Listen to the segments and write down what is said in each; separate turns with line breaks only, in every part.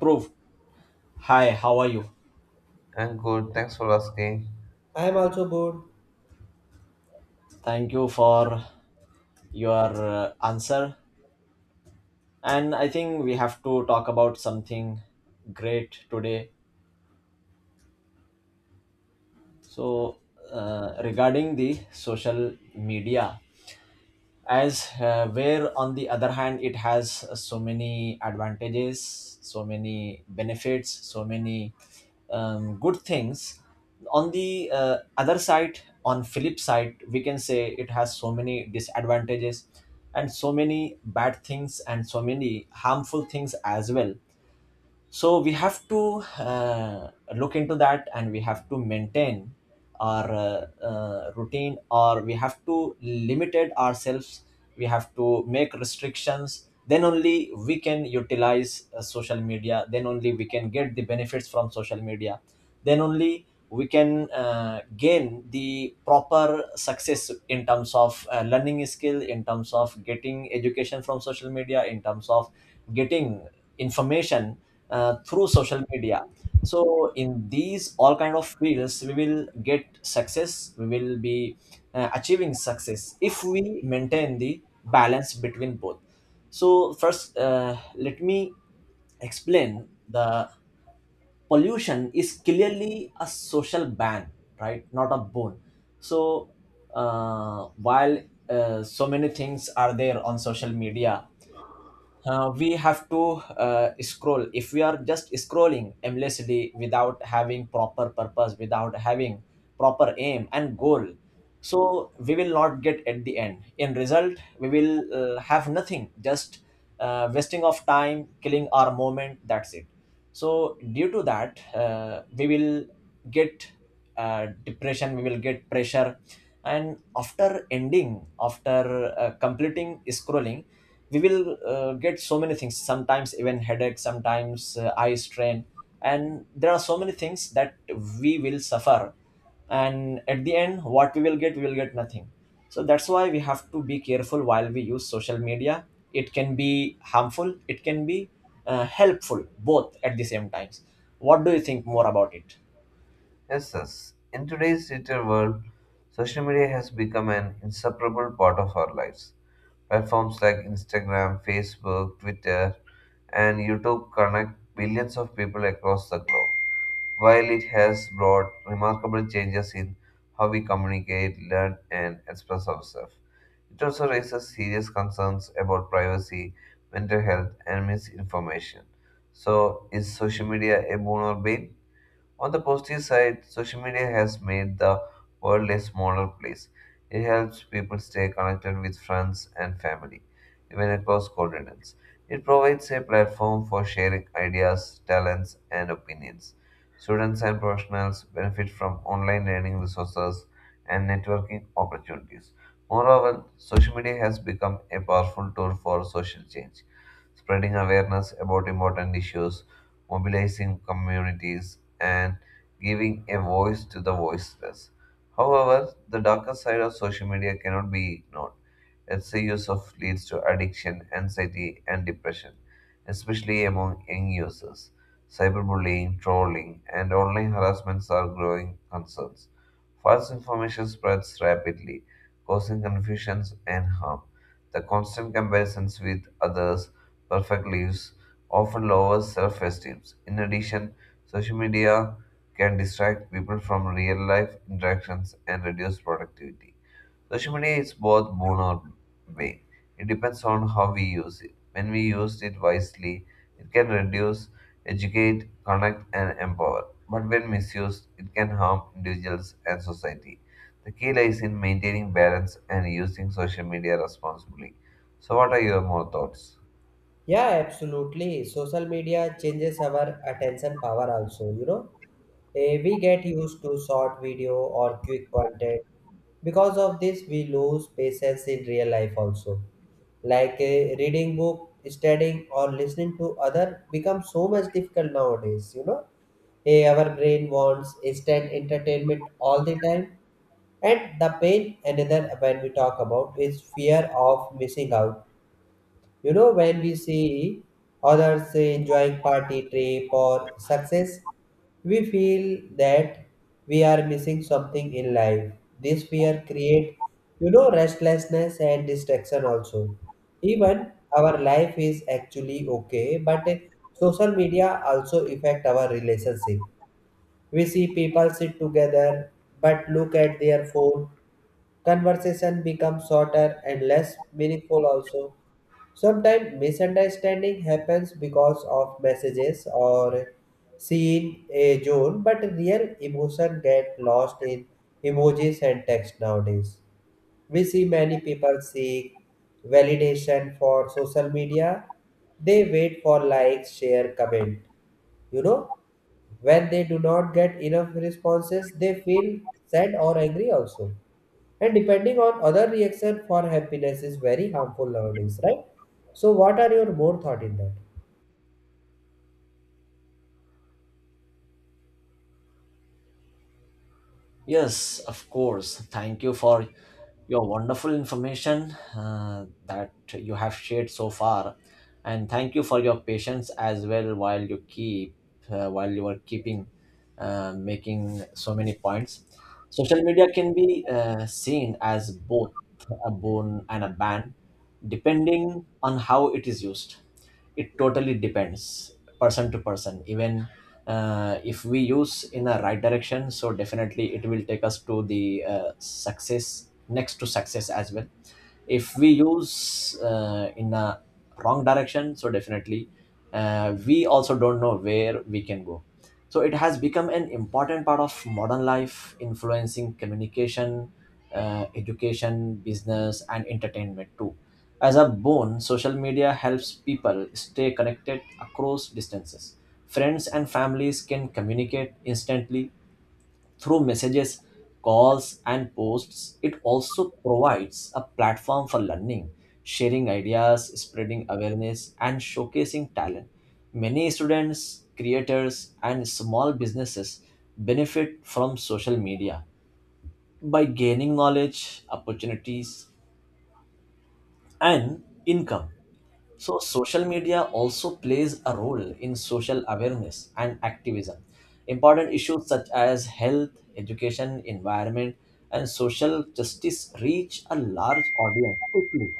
Prove. Hi, how are you?
And good, thanks for asking.
I'm also bored.
Thank you for your answer. And I think we have to talk about something great today. So, Regarding the social media, as where on the other hand it has so many advantages, so many benefits, so many good things, on the other side, on flip side, we can say it has so many disadvantages and so many bad things and so many harmful things as well. So we have to look into that and we have to maintain our routine, or we have to limited ourselves. We have to make restrictions, then only we can utilize social media, then only we can get the benefits from social media, then only we can gain the proper success in terms of learning skill, in terms of getting education from social media, in terms of getting information through social media. So in these all kind of fields we will get success, we will be achieving success if we maintain the balance between both. So first, let me explain, the pollution is clearly a social ban, right? Not a bone. So while so many things are there on social media, we have to scroll. If we are just scrolling aimlessly without having proper purpose, without having proper aim and goal, so we will not get at the end, in result we will have nothing, just wasting of time, killing our moment, that's it. So due to that we will get depression, we will get pressure. And after ending, after completing scrolling, we will get so many things, sometimes even headache, sometimes eye strain, and there are so many things that we will suffer. And at the end, what we will get? We will get nothing. So that's why we have to be careful while we use social media. It can be harmful, it can be helpful, both at the same times. What do you think more about it?
Yes, yes. In today's digital world, social media has become an inseparable part of our lives. Platforms like Instagram, Facebook, Twitter, and YouTube connect billions of people across the globe. While it has brought remarkable changes in how we communicate, learn, and express ourselves, it also raises serious concerns about privacy, mental health, and misinformation. So, is social media a boon or bane? On the positive side, social media has made the world a smaller place. It helps people stay connected with friends and family, even across continents. It provides a platform for sharing ideas, talents, and opinions. Students and professionals benefit from online learning resources and networking opportunities. Moreover, social media has become a powerful tool for social change, spreading awareness about important issues, mobilizing communities, and giving a voice to the voiceless. However, the darker side of social media cannot be ignored. Its use of leads to addiction, anxiety, and depression, especially among young users. Cyberbullying, trolling, and online harassments are growing concerns. False information spreads rapidly, causing confusions and harm. The constant comparisons with others' perfect lives often lowers self-esteem. In addition, social media can distract people from real life interactions and reduce productivity. Social media is both boon or bane. It depends on how we use it. When we use it wisely, it can reduce, educate, connect, and empower. But when misused, it can harm individuals and society. The key lies in maintaining balance and using social media responsibly. So, what are your more thoughts?
Yeah, absolutely. Social media changes our attention power also, you know. We get used to short video or quick content. Because of this, we lose patience in real life also. Like reading book, studying or listening to other becomes so much difficult nowadays, you know. Our brain wants instant entertainment all the time. And the pain, another when we talk about, is fear of missing out. You know, when we see others enjoying party trip or success, we feel that we are missing something in life. This fear create, you know, restlessness and distraction also. Even our life is actually okay, but social media also affect our relationship. We see people sit together but look at their phone. Conversation becomes shorter and less meaningful also. Sometimes misunderstanding happens because of messages or seen a zone, but real emotion get lost in emojis and text nowadays. We see many people seek validation for social media. They wait for likes, share, comment. You know, when they do not get enough responses, they feel sad or angry also, and depending on other reaction for happiness is very harmful nowadays, right? So what are your more thought in that?
Yes, of course. Thank you for your wonderful information that you have shared so far, and thank you for your patience as well while you keep while you are keeping making so many points. Social media can be seen as both a boon and a ban, depending on how it is used. It totally depends person to person. Even if we use in a right direction, so definitely it will take us to the success next to success as well. If we use in a wrong direction, so definitely we also don't know where we can go. So it has become an important part of modern life, influencing communication, education, business, and entertainment too. As a boon, social media helps people stay connected across distances. Friends and families can communicate instantly through messages, calls, and posts. It also provides a platform for learning, sharing ideas, spreading awareness, and showcasing talent. Many students, creators, and small businesses benefit from social media by gaining knowledge, opportunities, and income. So, social media also plays a role in social awareness and activism. Important issues such as health, education, environment, and social justice reach a large audience quickly.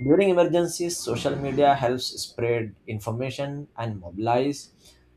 During emergencies, social media helps spread information and mobilize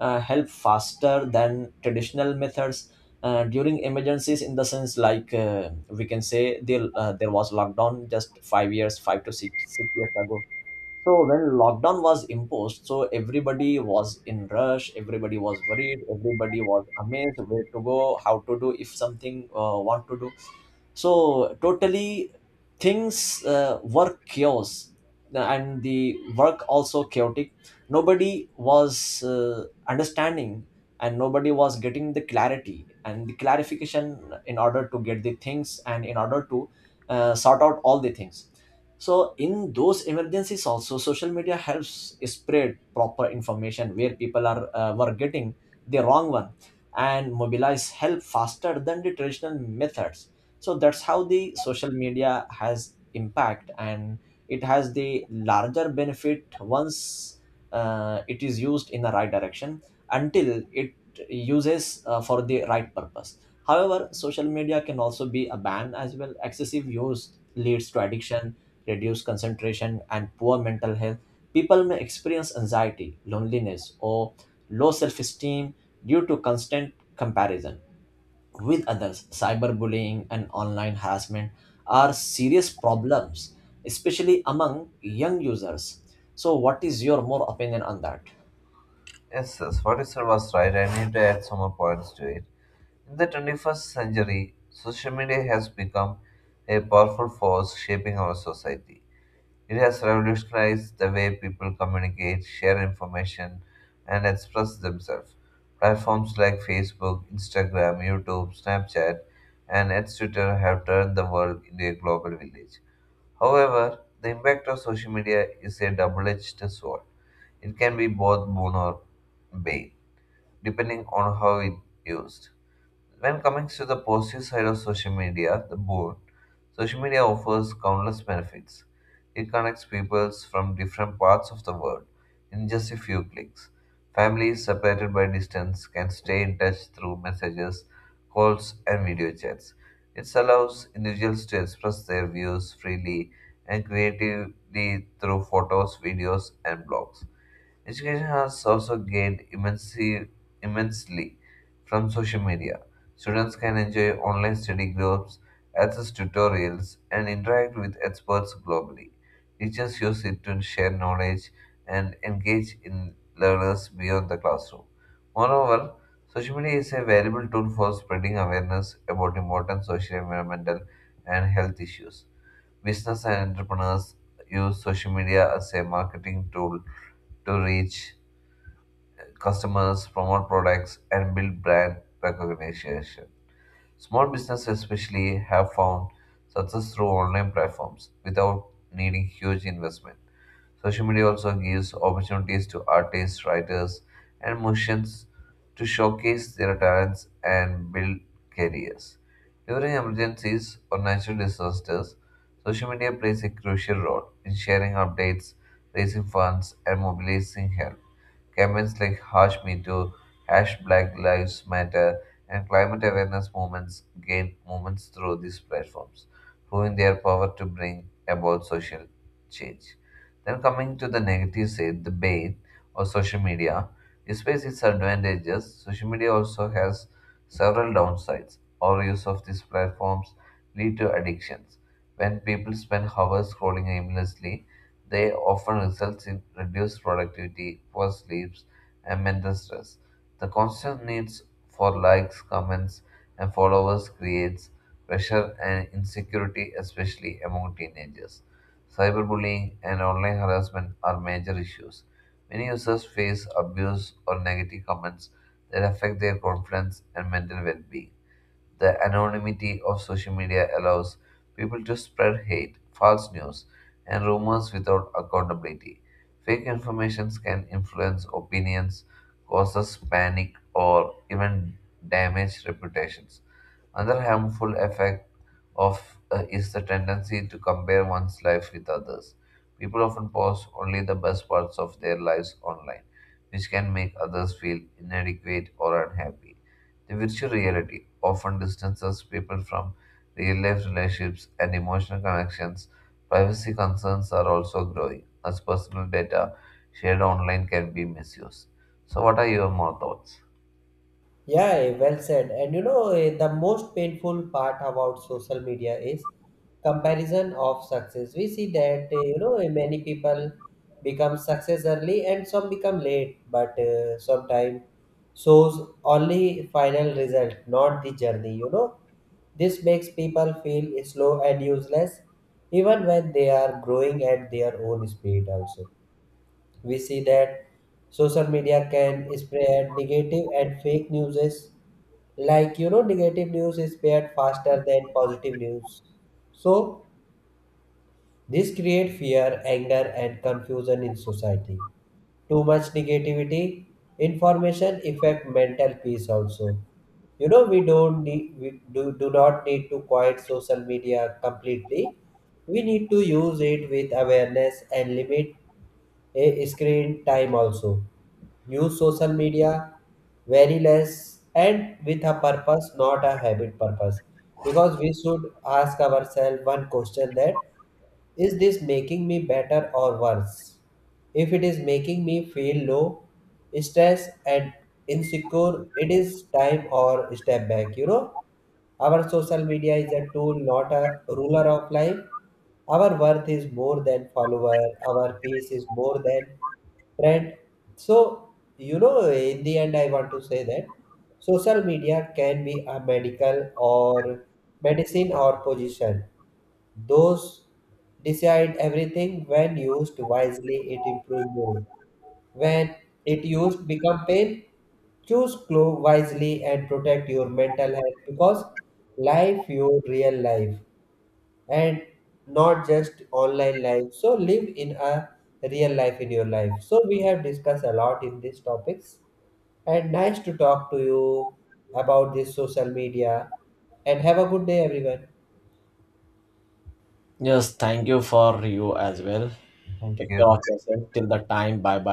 help faster than traditional methods. During emergencies, in the sense, like we can say, there was lockdown just 5 years, 5 to 6, 6 years ago. So when lockdown was imposed, so everybody was in rush, everybody was worried, everybody was amazed, where to go, how to do, if something want to do. So totally things were chaos and the work also chaotic. Nobody was understanding, and nobody was getting the clarity and the clarification, in order to get the things and in order to sort out all the things. So in those emergencies also, social media helps spread proper information where people are were getting the wrong one, and mobilize help faster than the traditional methods. So that's how the social media has impact, and it has the larger benefit once it is used in the right direction, until it uses for the right purpose. However, social media can also be a ban as well. Excessive use leads to addiction, reduced concentration, and poor mental health. People may experience anxiety, loneliness, or low self-esteem due to constant comparison with others. Cyberbullying and online harassment are serious problems, especially among young users. So, what is your more opinion on that?
Yes, sis, what you said was right. I need to add some more points to it. In the 21st century, social media has become a powerful force shaping our society. It has revolutionized the way people communicate, share information, and express themselves. Platforms like Facebook, Instagram, YouTube, Snapchat, and its Twitter have turned the world into a global village. However, the impact of social media is a double edged sword. It can be both boon or bane, depending on how it used. When coming to the positive side of social media, the board, social media offers countless benefits. It connects people from different parts of the world in just a few clicks. Families separated by distance can stay in touch through messages, calls, and video chats. It allows individuals to express their views freely and creatively through photos, videos, and blogs. Education has also gained immensely, immensely from social media. Students can enjoy online study groups, access tutorials, and interact with experts globally. Teachers use it to share knowledge and engage in learners beyond the classroom. Moreover, social media is a valuable tool for spreading awareness about important social, environmental, and health issues. Business and entrepreneurs use social media as a marketing tool to reach customers, promote products, and build brand recognition. Small businesses, especially, have found success through online platforms without needing huge investment. Social media also gives opportunities to artists, writers, and musicians to showcase their talents and build careers. During emergencies or natural disasters, social media plays a crucial role in sharing updates, raising funds, and mobilizing help. Campaigns like Hush Me Too, Hash Black Lives Matter, and climate awareness movements gain movements through these platforms, proving their power to bring about social change. Then coming to the negative side, the bane of social media. Despite its advantages, social media also has several downsides. Overuse of these platforms lead to addictions. When people spend hours scrolling aimlessly, they often result in reduced productivity, poor sleeps, and mental stress. The constant needs for likes, comments, and followers creates pressure and insecurity, especially among teenagers. Cyberbullying and online harassment are major issues. Many users face abuse or negative comments that affect their confidence and mental well being. The anonymity of social media allows people to spread hate, false news, and rumors without accountability. Fake informations can influence opinions, causes panic, or even damage reputations. Another harmful effect of is the tendency to compare one's life with others. People often post only the best parts of their lives online, which can make others feel inadequate or unhappy. The virtual reality often distances people from real life relationships and emotional connections. Privacy concerns are also growing as personal data shared online can be misused. So, what are your more thoughts?
Yeah, well said. And you know, the most painful part about social media is comparison of success. We see that, you know, many people become success early and some become late, but sometimes shows only final result, not the journey, you know. This makes people feel slow and useless even when they are growing at their own speed also. We see that social media can spread negative and fake news, like you know, negative news is spread faster than positive news. So this create fear, anger and confusion in society. Too much negativity information affect mental peace also. You know, we do not need to quiet social media completely. We need to use it with awareness and limit a screen time also. Use social media very less and with a purpose, not a habit purpose. Because we should ask ourselves one question, that is this making me better or worse? If it is making me feel low, stressed and insecure, it is time or step back, you know? Our social media is a tool, not a ruler of life. Our worth is more than follower. Our peace is more than trend. So, you know, in the end, I want to say that social media can be a medical or medicine or position. Those decide everything. When used wisely, it improves mood. When it used become pain, choose glow wisely and protect your mental health, because life your real life and not just online life. So live in a real life in your life. So we have discussed a lot in these topics, and nice to talk to you about this social media, and have a good day everyone.
Yes, thank you for you as well.
Thank
Take care of
you.
yourself till the time. Bye bye.